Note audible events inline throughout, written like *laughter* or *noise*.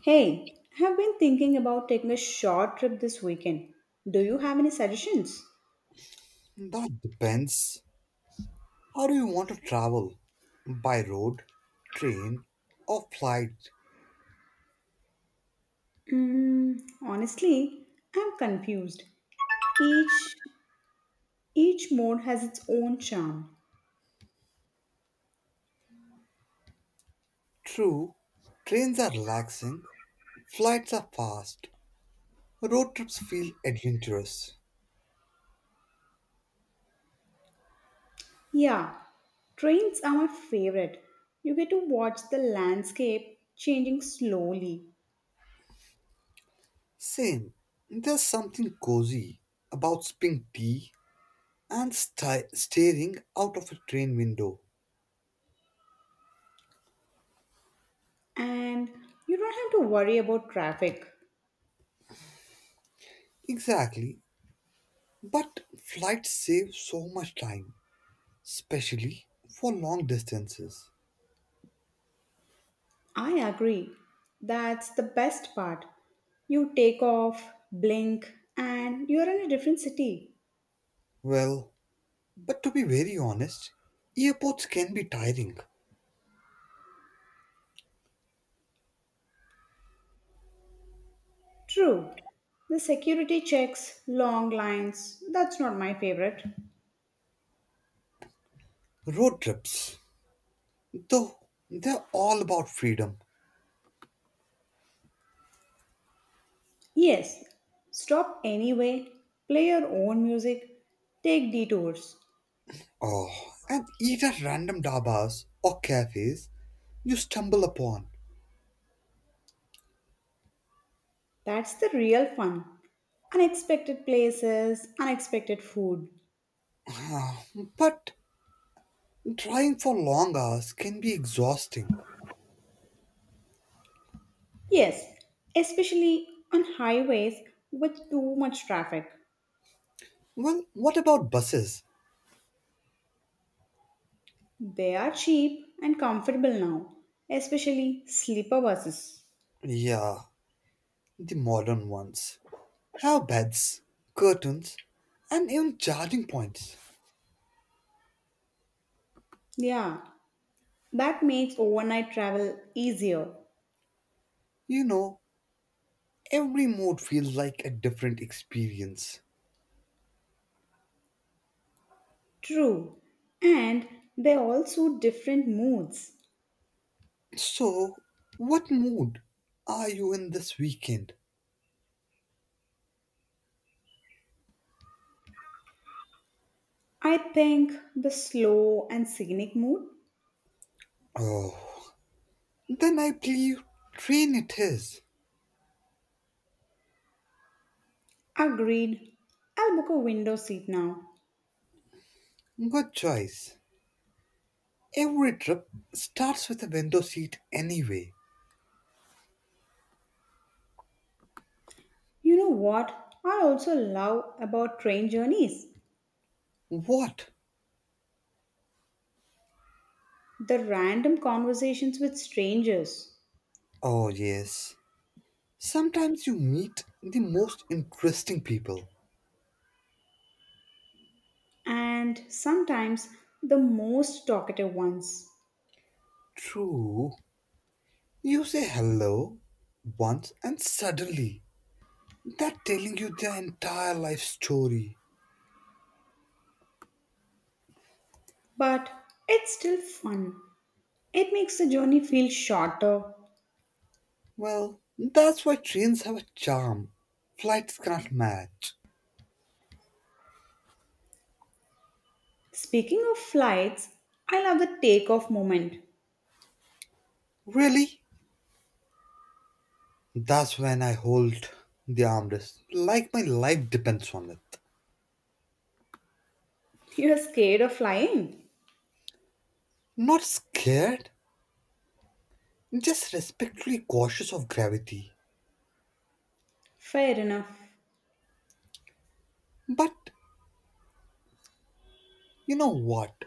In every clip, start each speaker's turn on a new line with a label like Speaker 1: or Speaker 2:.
Speaker 1: Hey, I've been thinking about taking a short trip this weekend. Do you have any suggestions?
Speaker 2: That depends. How do you want to travel? By road, train, or flight?
Speaker 1: Mm, honestly, I'm confused. Each each mode has its own charm.
Speaker 2: True, trains are relaxing, flights are fast, road trips feel adventurous.
Speaker 1: Yeah, trains are my favorite. You get to watch the landscape changing slowly
Speaker 2: Same, there's something cozy about sipping tea and staring out of a train window.
Speaker 1: and you don't have to worry about traffic.
Speaker 2: Exactly, but flights save so much time, especially for long distances.
Speaker 1: I agree. That's the best part. You take off, blink, and you're in a different city.
Speaker 2: Well, But to be very honest, airports can be tiring.
Speaker 1: True, the security checks, long lines, that's not my favorite.
Speaker 2: Road trips, though, they're all about freedom.
Speaker 1: Yes, stop anyway, play your own music, take detours.
Speaker 2: Oh, and eat at random dabas or cafes you stumble upon.
Speaker 1: That's the real fun. Unexpected places, unexpected food.
Speaker 2: Ah, but driving for long hours can be exhausting.
Speaker 1: Yes, especially on highways with too much traffic.
Speaker 2: Well, what about buses?
Speaker 1: They are cheap and comfortable now, especially sleeper buses.
Speaker 2: Yeah, the modern ones. Have beds, curtains, and even charging points.
Speaker 1: Yeah, that makes overnight travel easier.
Speaker 2: You know, every mode feels like a different experience.
Speaker 1: True, and they all suit different moods.
Speaker 2: So, what mood are you in this weekend?
Speaker 1: I think the slow and scenic mood.
Speaker 2: Oh, then I believe train it is.
Speaker 1: Agreed. I'll book a window seat now.
Speaker 2: Good choice. Every trip starts with a window seat anyway.
Speaker 1: You know what I also love about train journeys?
Speaker 2: What?
Speaker 1: The random conversations with strangers,
Speaker 2: Oh, yes. Sometimes you meet the most interesting people.
Speaker 1: and sometimes the most talkative ones.
Speaker 2: True. You say hello once and suddenly they're telling you their entire life story.
Speaker 1: But it's still fun. It makes the journey feel shorter.
Speaker 2: Well, that's why trains have a charm flights cannot match.
Speaker 1: Speaking of flights, I love the takeoff moment.
Speaker 2: Really? That's when I hold the armrest like my life depends on it.
Speaker 1: You're scared of flying?
Speaker 2: Not scared, just respectfully cautious of gravity.
Speaker 1: Fair enough.
Speaker 2: But you know what?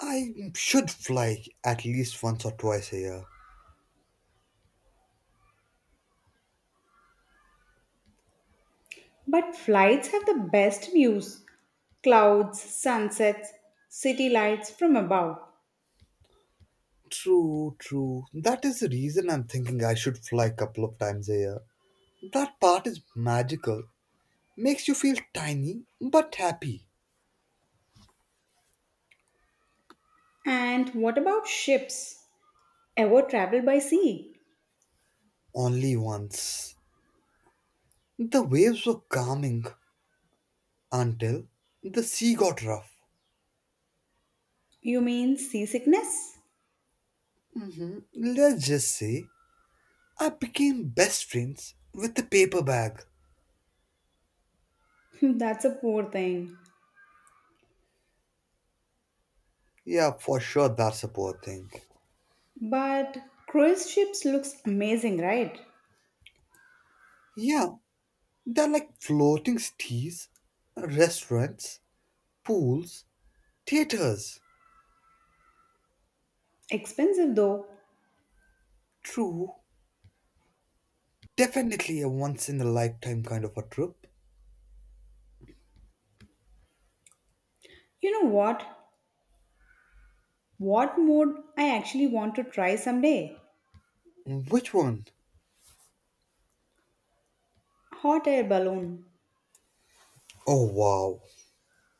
Speaker 2: I should fly at least once or twice a year.
Speaker 1: But flights have the best views, clouds, sunsets, city lights from above.
Speaker 2: True, true. That is the reason I'm thinking I should fly a couple of times a year. That part is magical. Makes you feel tiny but happy.
Speaker 1: And what about ships? Ever travel by sea?
Speaker 2: Only once. The waves were calming until the sea got rough.
Speaker 1: You mean seasickness?
Speaker 2: Mhm. Let's just say I became best friends with the paper bag.
Speaker 1: *laughs* That's a poor thing.
Speaker 2: Yeah, for sure, that's a poor thing.
Speaker 1: But cruise ships looks amazing, right?
Speaker 2: Yeah, they're like floating cities, restaurants, pools, theaters.
Speaker 1: Expensive though.
Speaker 2: True. Definitely a once in a lifetime kind of a trip.
Speaker 1: You know what? What mode I actually want to try someday?
Speaker 2: Which one?
Speaker 1: Hot air balloon.
Speaker 2: Oh wow,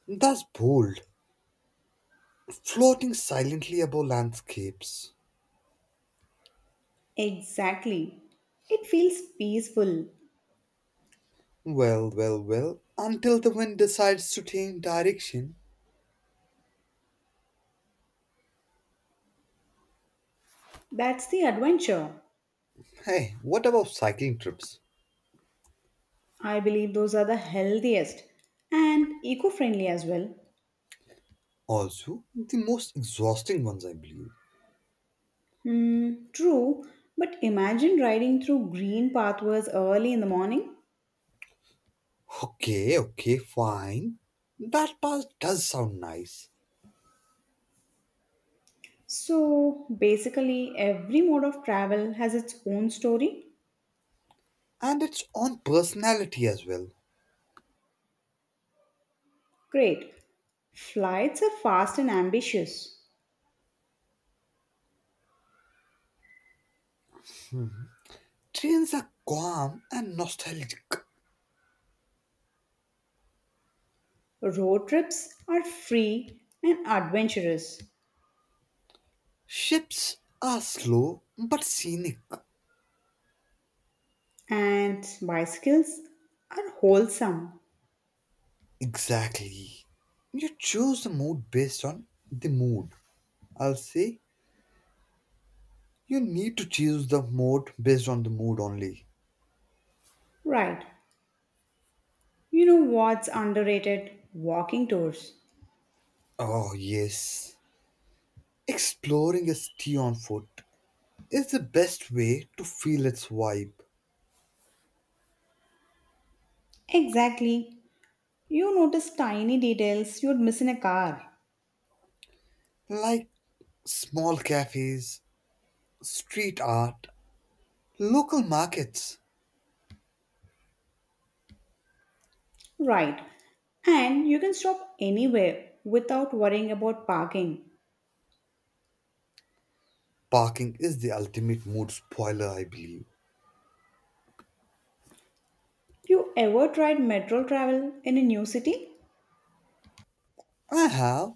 Speaker 2: that's bold. Floating silently above landscapes.
Speaker 1: Exactly. It feels peaceful.
Speaker 2: Well, well, well. Until the wind decides to change direction.
Speaker 1: That's the adventure.
Speaker 2: Hey, what about cycling trips?
Speaker 1: I believe those are the healthiest and eco friendly as well.
Speaker 2: Also, the most exhausting ones, I believe.
Speaker 1: Hmm, true, but imagine riding through green pathways early in the morning.
Speaker 2: Okay, okay, fine. That part does sound nice.
Speaker 1: So basically, every mode of travel has its own story.
Speaker 2: And it's on personality as well.
Speaker 1: Great. Flights are fast and ambitious.
Speaker 2: Trains are calm and nostalgic.
Speaker 1: Road trips are free and adventurous.
Speaker 2: Ships are slow but scenic.
Speaker 1: And bicycles are wholesome.
Speaker 2: Exactly. You choose the mood based on the mood. I'll say you need to choose the mode based on the mood only.
Speaker 1: Right. You know what's underrated? Walking tours.
Speaker 2: Oh, yes. Exploring a city on foot is the best way to feel its vibe.
Speaker 1: Exactly. You notice tiny details you'd miss in a car.
Speaker 2: Like small cafes, street art, local markets.
Speaker 1: Right. And you can stop anywhere without worrying about parking.
Speaker 2: Parking is the ultimate mood spoiler, I believe.
Speaker 1: You ever tried metro travel in a new city?
Speaker 2: I have.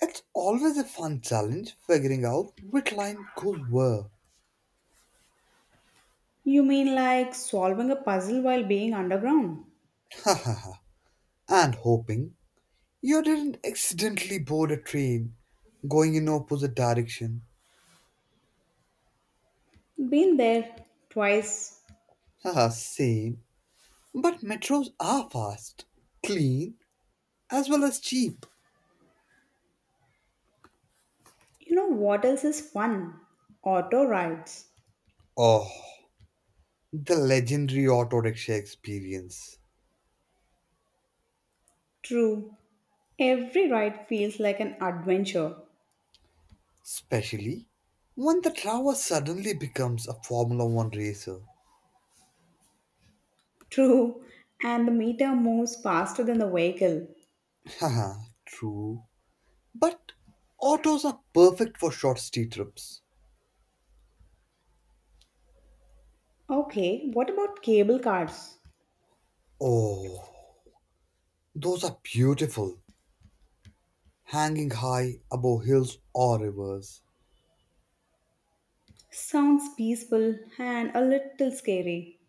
Speaker 2: It's always a fun challenge figuring out which line goes where.
Speaker 1: You mean like solving a puzzle while being underground?
Speaker 2: *laughs* And hoping you didn't accidentally board a train going in opposite direction.
Speaker 1: Been there twice.
Speaker 2: Ah, same. But metros are fast, clean, as well as cheap.
Speaker 1: You know what else is fun? Auto rides.
Speaker 2: Oh, the legendary auto rickshaw experience.
Speaker 1: True, every ride feels like an adventure.
Speaker 2: Especially when the driver suddenly becomes a Formula One racer.
Speaker 1: True, and the meter moves faster than the vehicle.
Speaker 2: Haha, true. But autos are perfect for short city trips.
Speaker 1: Okay, what about cable cars?
Speaker 2: Oh, those are beautiful, hanging high above hills or rivers.
Speaker 1: Sounds peaceful and a little scary,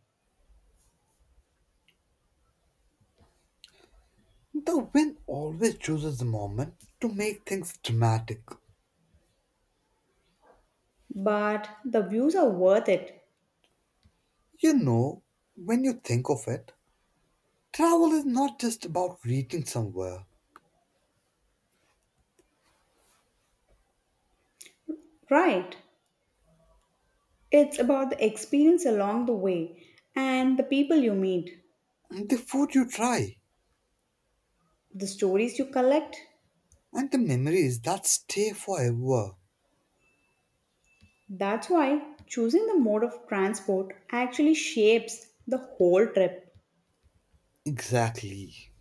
Speaker 2: The wind always chooses the moment to make things dramatic.
Speaker 1: but the views are worth it.
Speaker 2: You know, when you think of it, travel is not just about reaching somewhere.
Speaker 1: Right, it's about the experience along the way and the people you meet,
Speaker 2: The food you try
Speaker 1: the stories you collect.
Speaker 2: and the memories that stay forever.
Speaker 1: That's why choosing the mode of transport actually shapes the whole trip.
Speaker 2: Exactly.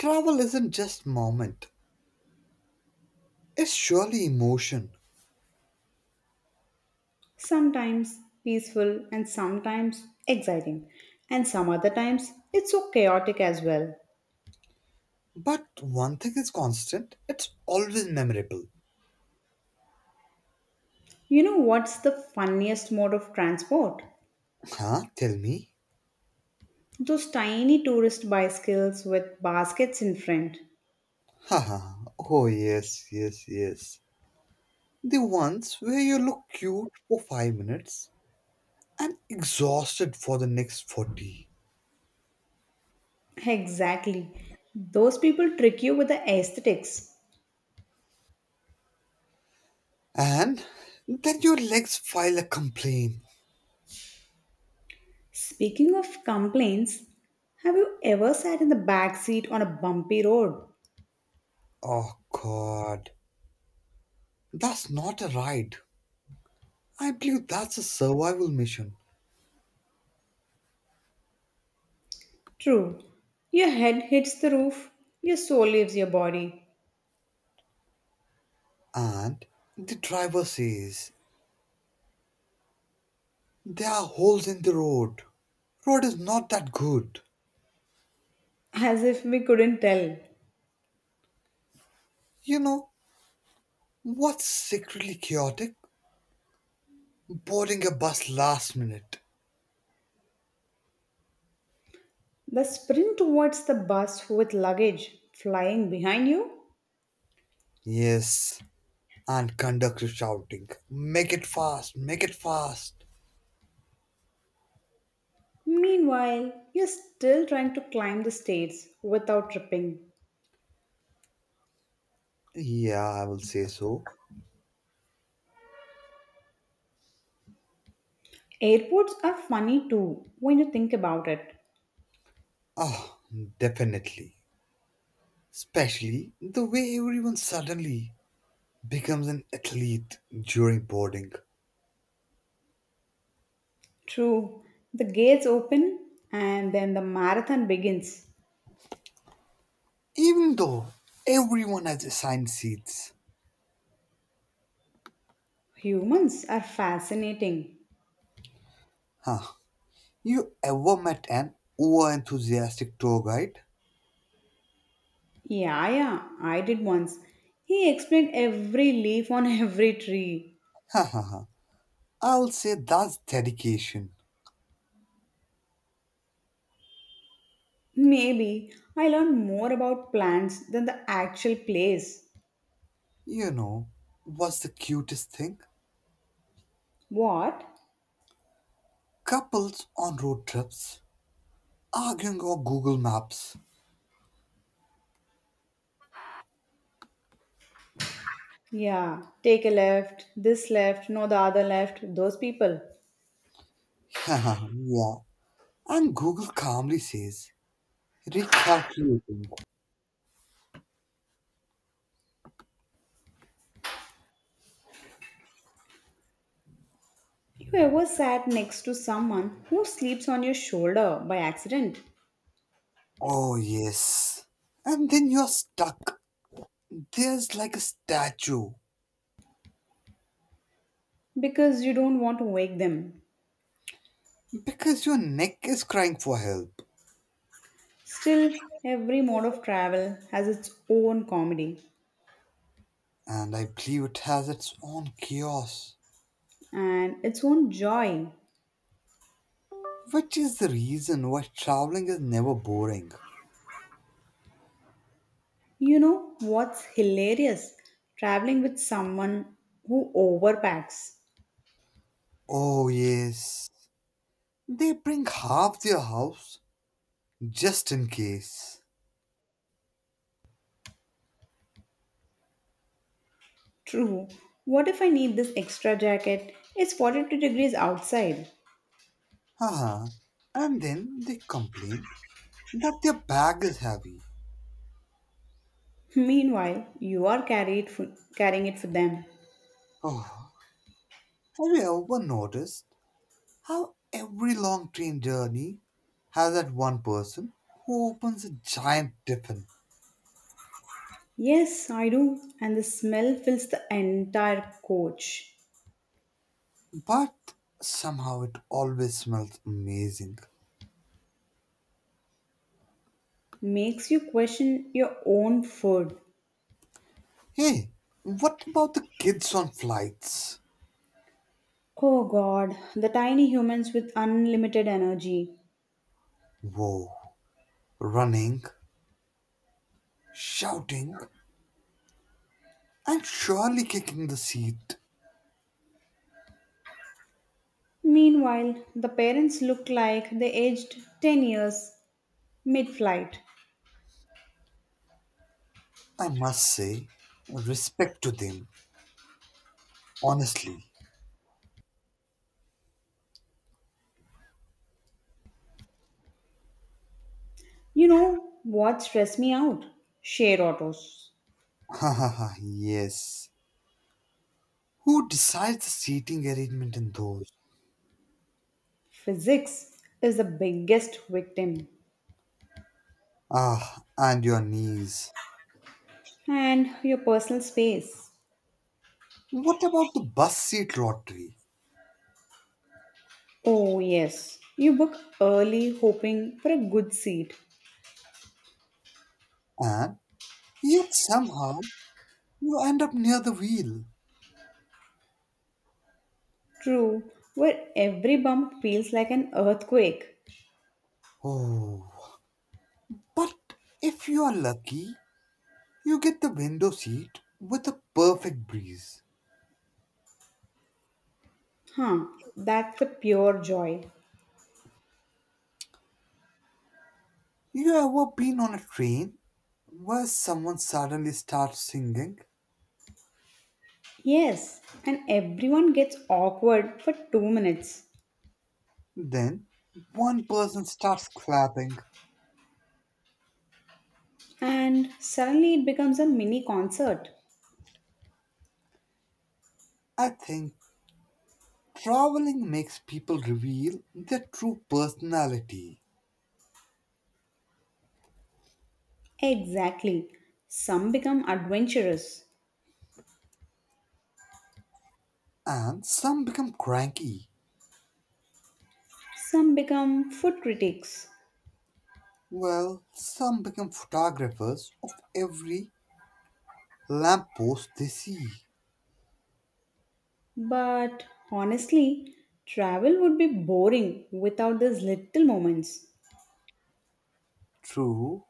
Speaker 2: Travel isn't just moment. It's surely emotion.
Speaker 1: Sometimes peaceful and sometimes exciting, and some other times it's so chaotic as well.
Speaker 2: But one thing is constant, it's always memorable.
Speaker 1: You know what's the funniest mode of transport?
Speaker 2: Huh? Tell me.
Speaker 1: Those tiny tourist bicycles with baskets in front.
Speaker 2: *laughs* Haha. Oh yes, yes, yes. The ones where you look cute for 5 minutes and exhausted for the next 40.
Speaker 1: Exactly. Those people trick you with the aesthetics.
Speaker 2: And then your legs file a complaint.
Speaker 1: Speaking of complaints, have you ever sat in the back seat on a bumpy road?
Speaker 2: Oh god, that's not a ride. I believe that's a survival mission.
Speaker 1: True. Your head hits the roof, your soul leaves your body.
Speaker 2: And the driver says, There are holes in the road. Road is not that good.
Speaker 1: As if we couldn't tell.
Speaker 2: You know, what's secretly chaotic? Boarding a bus last minute.
Speaker 1: The sprint towards the bus with luggage flying behind you?
Speaker 2: Yes, and conductor shouting, Make it fast, make it fast.
Speaker 1: Meanwhile, you're still trying to climb the stairs without tripping.
Speaker 2: Yeah, I will say so.
Speaker 1: Airports are funny too when you think about it.
Speaker 2: Oh, definitely. Especially the way everyone suddenly becomes an athlete during boarding.
Speaker 1: True, the gates open and then the marathon begins.
Speaker 2: Even though everyone has assigned seats.
Speaker 1: Humans are fascinating.
Speaker 2: Huh. You ever met an over enthusiastic tour guide?
Speaker 1: Yeah, yeah, I did once. He explained every leaf on *laughs* every tree.
Speaker 2: Ha ha ha. I'll say that's dedication.
Speaker 1: Maybe I learned more about plants than the actual place.
Speaker 2: You know, what's the cutest thing?
Speaker 1: What?
Speaker 2: Couples on road trips arguing over Google Maps.
Speaker 1: Yeah, take a left, this left, no, the other left, those people.
Speaker 2: *laughs* Yeah, yeah. And Google calmly says, recalculating.
Speaker 1: You ever sat next to someone who sleeps on your shoulder by accident
Speaker 2: Oh, yes. And then you're stuck. There's like a statue.
Speaker 1: because you don't want to wake them?
Speaker 2: Because your neck is crying for help.
Speaker 1: Still, every mode of travel has its own comedy
Speaker 2: And I believe it has its own chaos.
Speaker 1: and its own joy.
Speaker 2: Which is the reason why traveling is never boring.
Speaker 1: You know what's hilarious? Traveling with someone who overpacks.
Speaker 2: Oh, yes. They bring half their house just in case.
Speaker 1: True. What if I need this extra jacket? It's 42 degrees outside.
Speaker 2: Haha. And then they complain that their bag is heavy.
Speaker 1: Meanwhile, you are carry it for, carrying it for them.
Speaker 2: Oh, have you ever noticed how every long train journey has that one person who opens a giant tiffin,
Speaker 1: Yes, I do. And the smell fills the entire coach.
Speaker 2: but somehow it always smells amazing.
Speaker 1: Makes you question your own food.
Speaker 2: Hey, what about the kids on flights?
Speaker 1: Oh god, the tiny humans with unlimited energy.
Speaker 2: Whoa, running, shouting, and surely kicking the seat.
Speaker 1: Meanwhile, the parents look like they aged 10 years mid flight.
Speaker 2: I must say, respect to them, honestly.
Speaker 1: You know what stressed me out? Share autos.
Speaker 2: *laughs* Yes. Who decides the seating arrangement in those?
Speaker 1: Physics is the biggest victim.
Speaker 2: Ah, and your knees.
Speaker 1: And your personal space.
Speaker 2: What about the bus seat lottery?
Speaker 1: Oh, yes. You book early hoping for a good seat.
Speaker 2: And yet somehow you end up near the wheel.
Speaker 1: True, where every bump feels like an earthquake.
Speaker 2: Oh. But if you are lucky, you get the window seat with a perfect breeze.
Speaker 1: Huh, that's the pure joy.
Speaker 2: You ever been on a train where someone suddenly starts singing?
Speaker 1: Yes, and everyone gets awkward for 2 minutes.
Speaker 2: Then one person starts clapping.
Speaker 1: And suddenly it becomes a mini concert.
Speaker 2: I think traveling makes people reveal their true personality,
Speaker 1: Exactly. Some become adventurous,
Speaker 2: and some become cranky.
Speaker 1: some become food critics.
Speaker 2: Well, some become photographers of every lamppost they see.
Speaker 1: But honestly, travel would be boring without these little moments.
Speaker 2: True,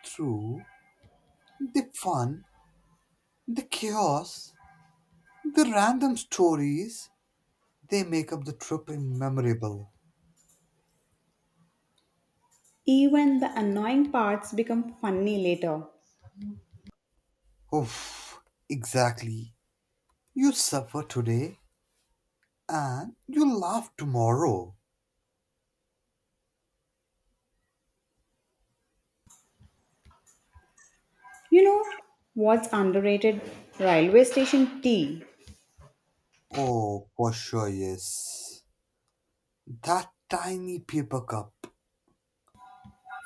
Speaker 2: true. The fun, the chaos, the random stories, they make up the trip memorable.
Speaker 1: Even the annoying parts become funny later.
Speaker 2: Oof, exactly. You suffer today and you laugh tomorrow.
Speaker 1: You know what's underrated? Railway station tea.
Speaker 2: Oh, for sure, yes. That tiny paper cup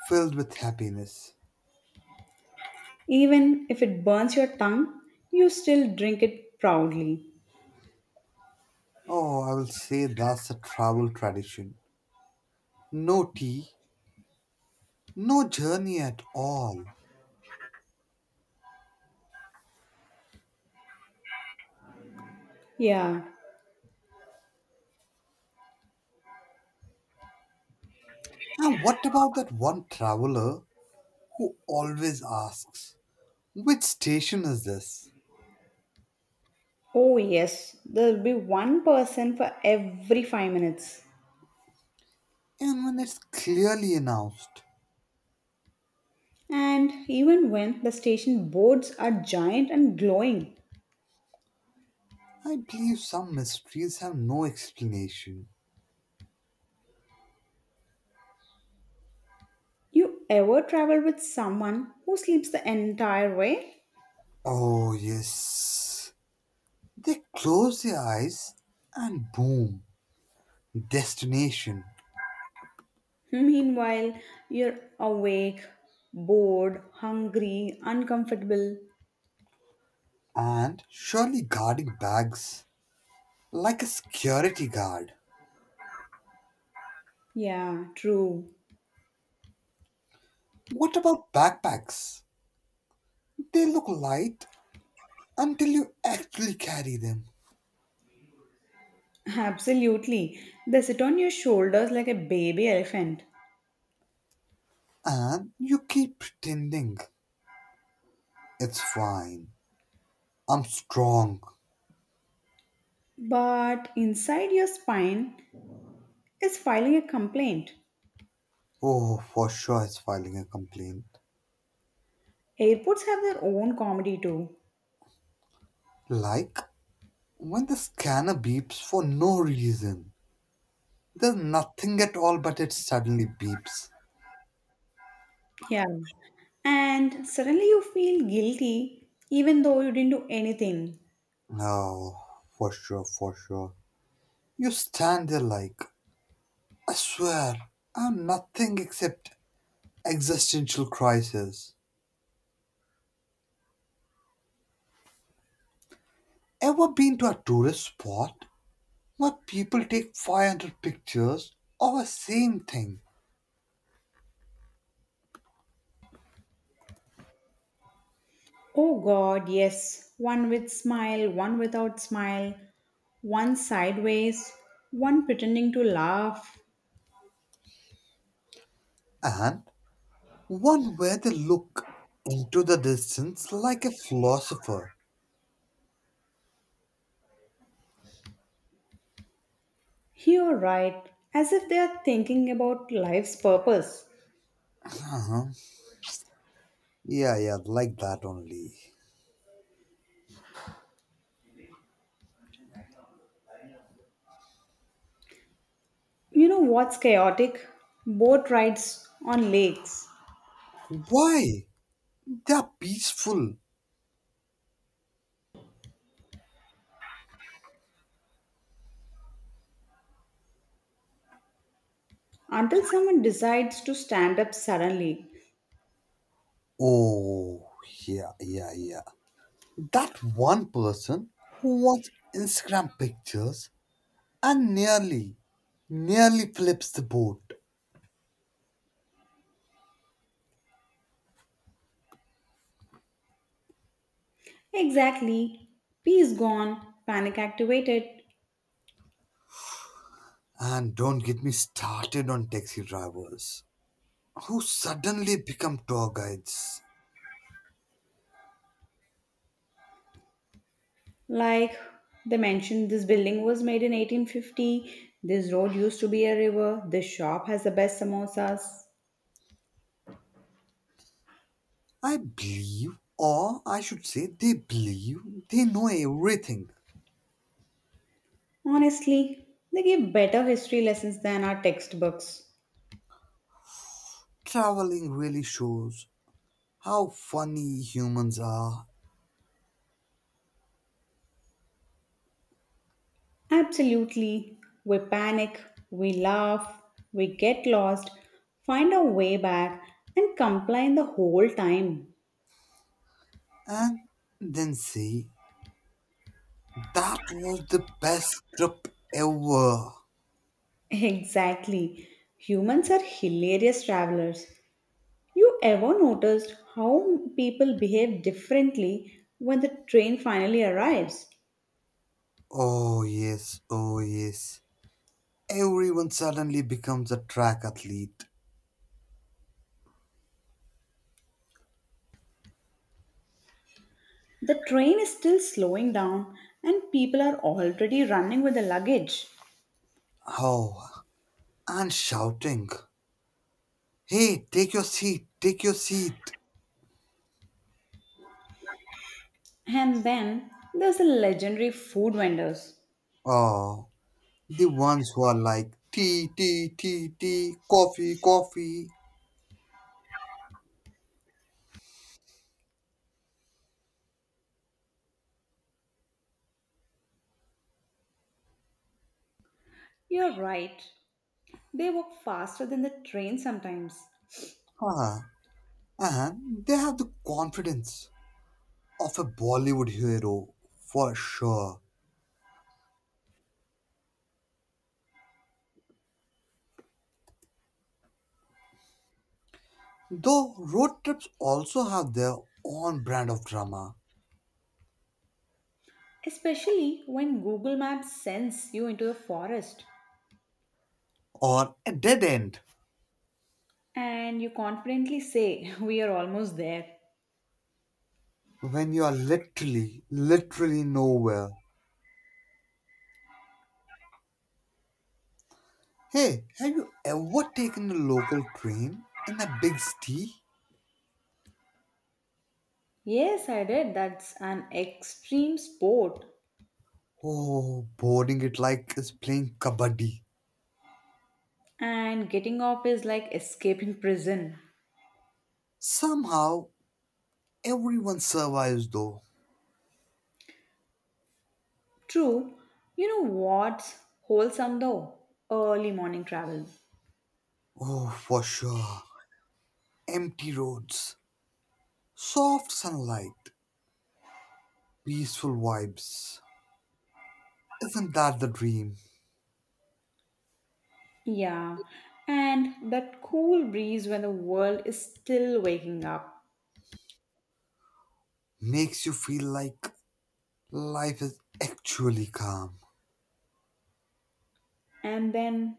Speaker 2: filled with happiness.
Speaker 1: Even if it burns your tongue, you still drink it proudly.
Speaker 2: Oh, I will say that's a travel tradition. No tea, no journey at all.
Speaker 1: Yeah.
Speaker 2: Now, what about that one traveler who always asks, Which station is this?
Speaker 1: Oh, yes. There'll be one person for every 5 minutes.
Speaker 2: And when it's clearly announced,
Speaker 1: And even when the station boards are giant and glowing,
Speaker 2: I believe some mysteries have no explanation.
Speaker 1: you ever travel with someone who sleeps the entire way?
Speaker 2: Oh, yes. They close their eyes and boom, destination.
Speaker 1: Meanwhile, you're awake, bored, hungry, uncomfortable.
Speaker 2: And surely guarding bags like a security guard.
Speaker 1: Yeah, true.
Speaker 2: What about backpacks? They look light until you actually carry them.
Speaker 1: Absolutely. They sit on your shoulders like a baby elephant.
Speaker 2: And you keep pretending it's fine. I'm strong.
Speaker 1: But inside your spine is filing a complaint.
Speaker 2: Oh, for sure it's filing a complaint.
Speaker 1: Airports have their own comedy too.
Speaker 2: Like when the scanner beeps for no reason. There's nothing at all, but it suddenly beeps.
Speaker 1: Yeah. And suddenly you feel guilty even though you didn't do anything.
Speaker 2: No, for sure, for sure. You stand there like, I swear, I'm nothing except existential crisis. Ever been to a tourist spot? Now people take 500 pictures of a same thing,
Speaker 1: Oh God, yes. One with smile, one without smile, one sideways, one pretending to laugh.
Speaker 2: and one where they look into the distance like a philosopher.
Speaker 1: You're right, as if they are thinking about life's purpose.
Speaker 2: Uh-huh. Yeah, yeah, like that only.
Speaker 1: You know what's chaotic? Boat rides on lakes
Speaker 2: Why? They're peaceful.
Speaker 1: until someone decides to stand up suddenly.
Speaker 2: Oh, yeah, yeah, yeah. That one person who wants Instagram pictures and nearly, nearly flips the boat.
Speaker 1: Exactly. Peace gone, panic activated.
Speaker 2: And don't get me started on taxi drivers, who suddenly become tour guides.
Speaker 1: Like they mentioned, this building was made in 1850. This road used to be a river. This shop has the best samosas.
Speaker 2: I believe, or I should say, they believe they know everything.
Speaker 1: Honestly, they give better history lessons than our textbooks.
Speaker 2: Traveling really shows how funny humans are,
Speaker 1: Absolutely. We panic, we laugh, we get lost, find our way back, and complain the whole time.
Speaker 2: and then say, That was the best trip ever.
Speaker 1: *laughs* Exactly. Humans are hilarious travelers. You ever noticed how people behave differently when the train finally arrives?
Speaker 2: Oh, yes, oh, yes. Everyone suddenly becomes a track athlete.
Speaker 1: The train is still slowing down and people are already running with the luggage.
Speaker 2: Oh, and shouting, Hey, take your seat, take your seat.
Speaker 1: And then there's the legendary food vendors.
Speaker 2: Oh, the ones who are like tea, tea, tea, tea, coffee, coffee.
Speaker 1: You're right, they walk faster than the train sometimes,
Speaker 2: Huh. And they have the confidence of a Bollywood hero for sure. Though road trips also have their own brand of drama,
Speaker 1: especially when Google Maps sends you into the forest
Speaker 2: or a dead end
Speaker 1: and you confidently say, *laughs* we are almost there.
Speaker 2: when you are literally, literally nowhere. Hey, have you ever taken a local train in a big city?
Speaker 1: Yes, I did. That's an extreme sport.
Speaker 2: Oh, boarding it like is playing kabaddi.
Speaker 1: And getting off is like escaping prison.
Speaker 2: Somehow everyone survives though.
Speaker 1: True, you know what's wholesome though? Early morning travel.
Speaker 2: Oh, for sure. Empty roads, soft sunlight, peaceful vibes. Isn't that the dream?
Speaker 1: Yeah, and that cool breeze when the world is still waking up.
Speaker 2: Makes you feel like life is actually calm.
Speaker 1: And then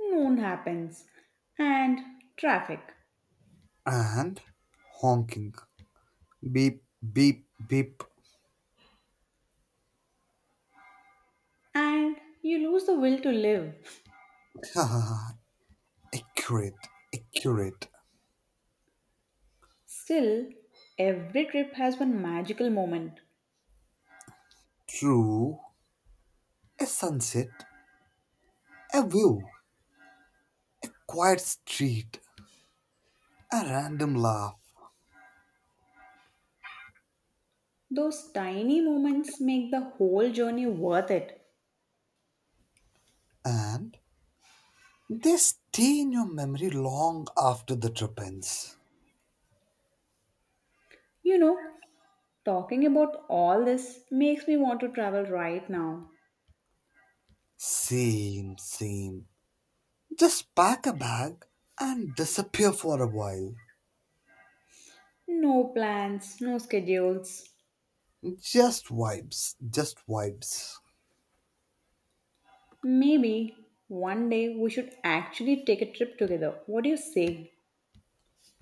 Speaker 1: noon happens, and traffic,
Speaker 2: And honking. Beep, beep, beep.
Speaker 1: and you lose the will to live.
Speaker 2: *laughs* Accurate, accurate.
Speaker 1: Still, every trip has one magical moment.
Speaker 2: True. A sunset, a view, quiet street, a random laugh,
Speaker 1: Those tiny moments make the whole journey worth it.
Speaker 2: and they stay in your memory long after the trip ends.
Speaker 1: You know, talking about all this makes me want to travel right now.
Speaker 2: Same, same. Just pack a bag and disappear for a while.
Speaker 1: No plans, no schedules.
Speaker 2: Just vibes, just vibes.
Speaker 1: Maybe one day we should actually take a trip together. What do you say?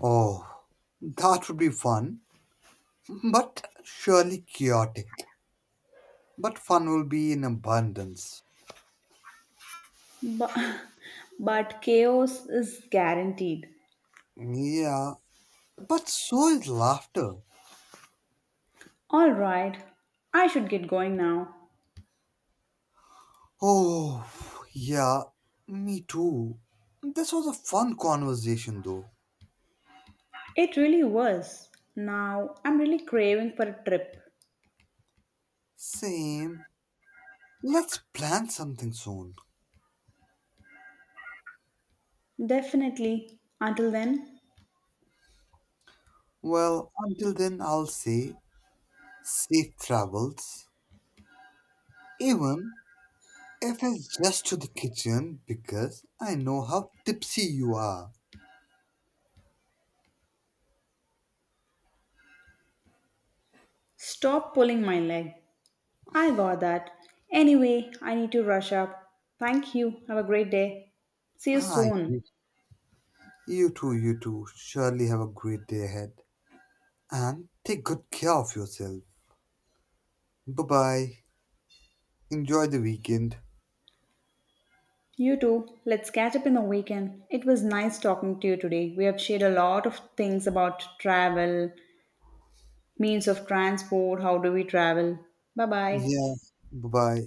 Speaker 2: Oh, that would be fun, *laughs* but surely chaotic. But fun will be in abundance.
Speaker 1: But, *laughs* but chaos is guaranteed.
Speaker 2: Yeah, but so is laughter.
Speaker 1: Alright, I should get going now.
Speaker 2: Oh, yeah, me too. This was a fun conversation though.
Speaker 1: It really was. Now I'm really craving for a trip.
Speaker 2: Same. Let's plan something soon.
Speaker 1: Definitely. Until then,
Speaker 2: Well, until then, I'll say safe travels, even if it's just to the kitchen because I know how tipsy you are.
Speaker 1: stop pulling my leg. I got that. Anyway, I need to rush up. Thank you. Have a great day. See you
Speaker 2: Ah,
Speaker 1: soon.
Speaker 2: you too, you too. Surely have a great day ahead and take good care of yourself. Bye bye. Enjoy the weekend.
Speaker 1: You too. Let's catch up in the weekend. It was nice talking to you today. We have shared a lot of things about travel, means of transport, how do we travel. Bye bye.
Speaker 2: Yeah, bye bye.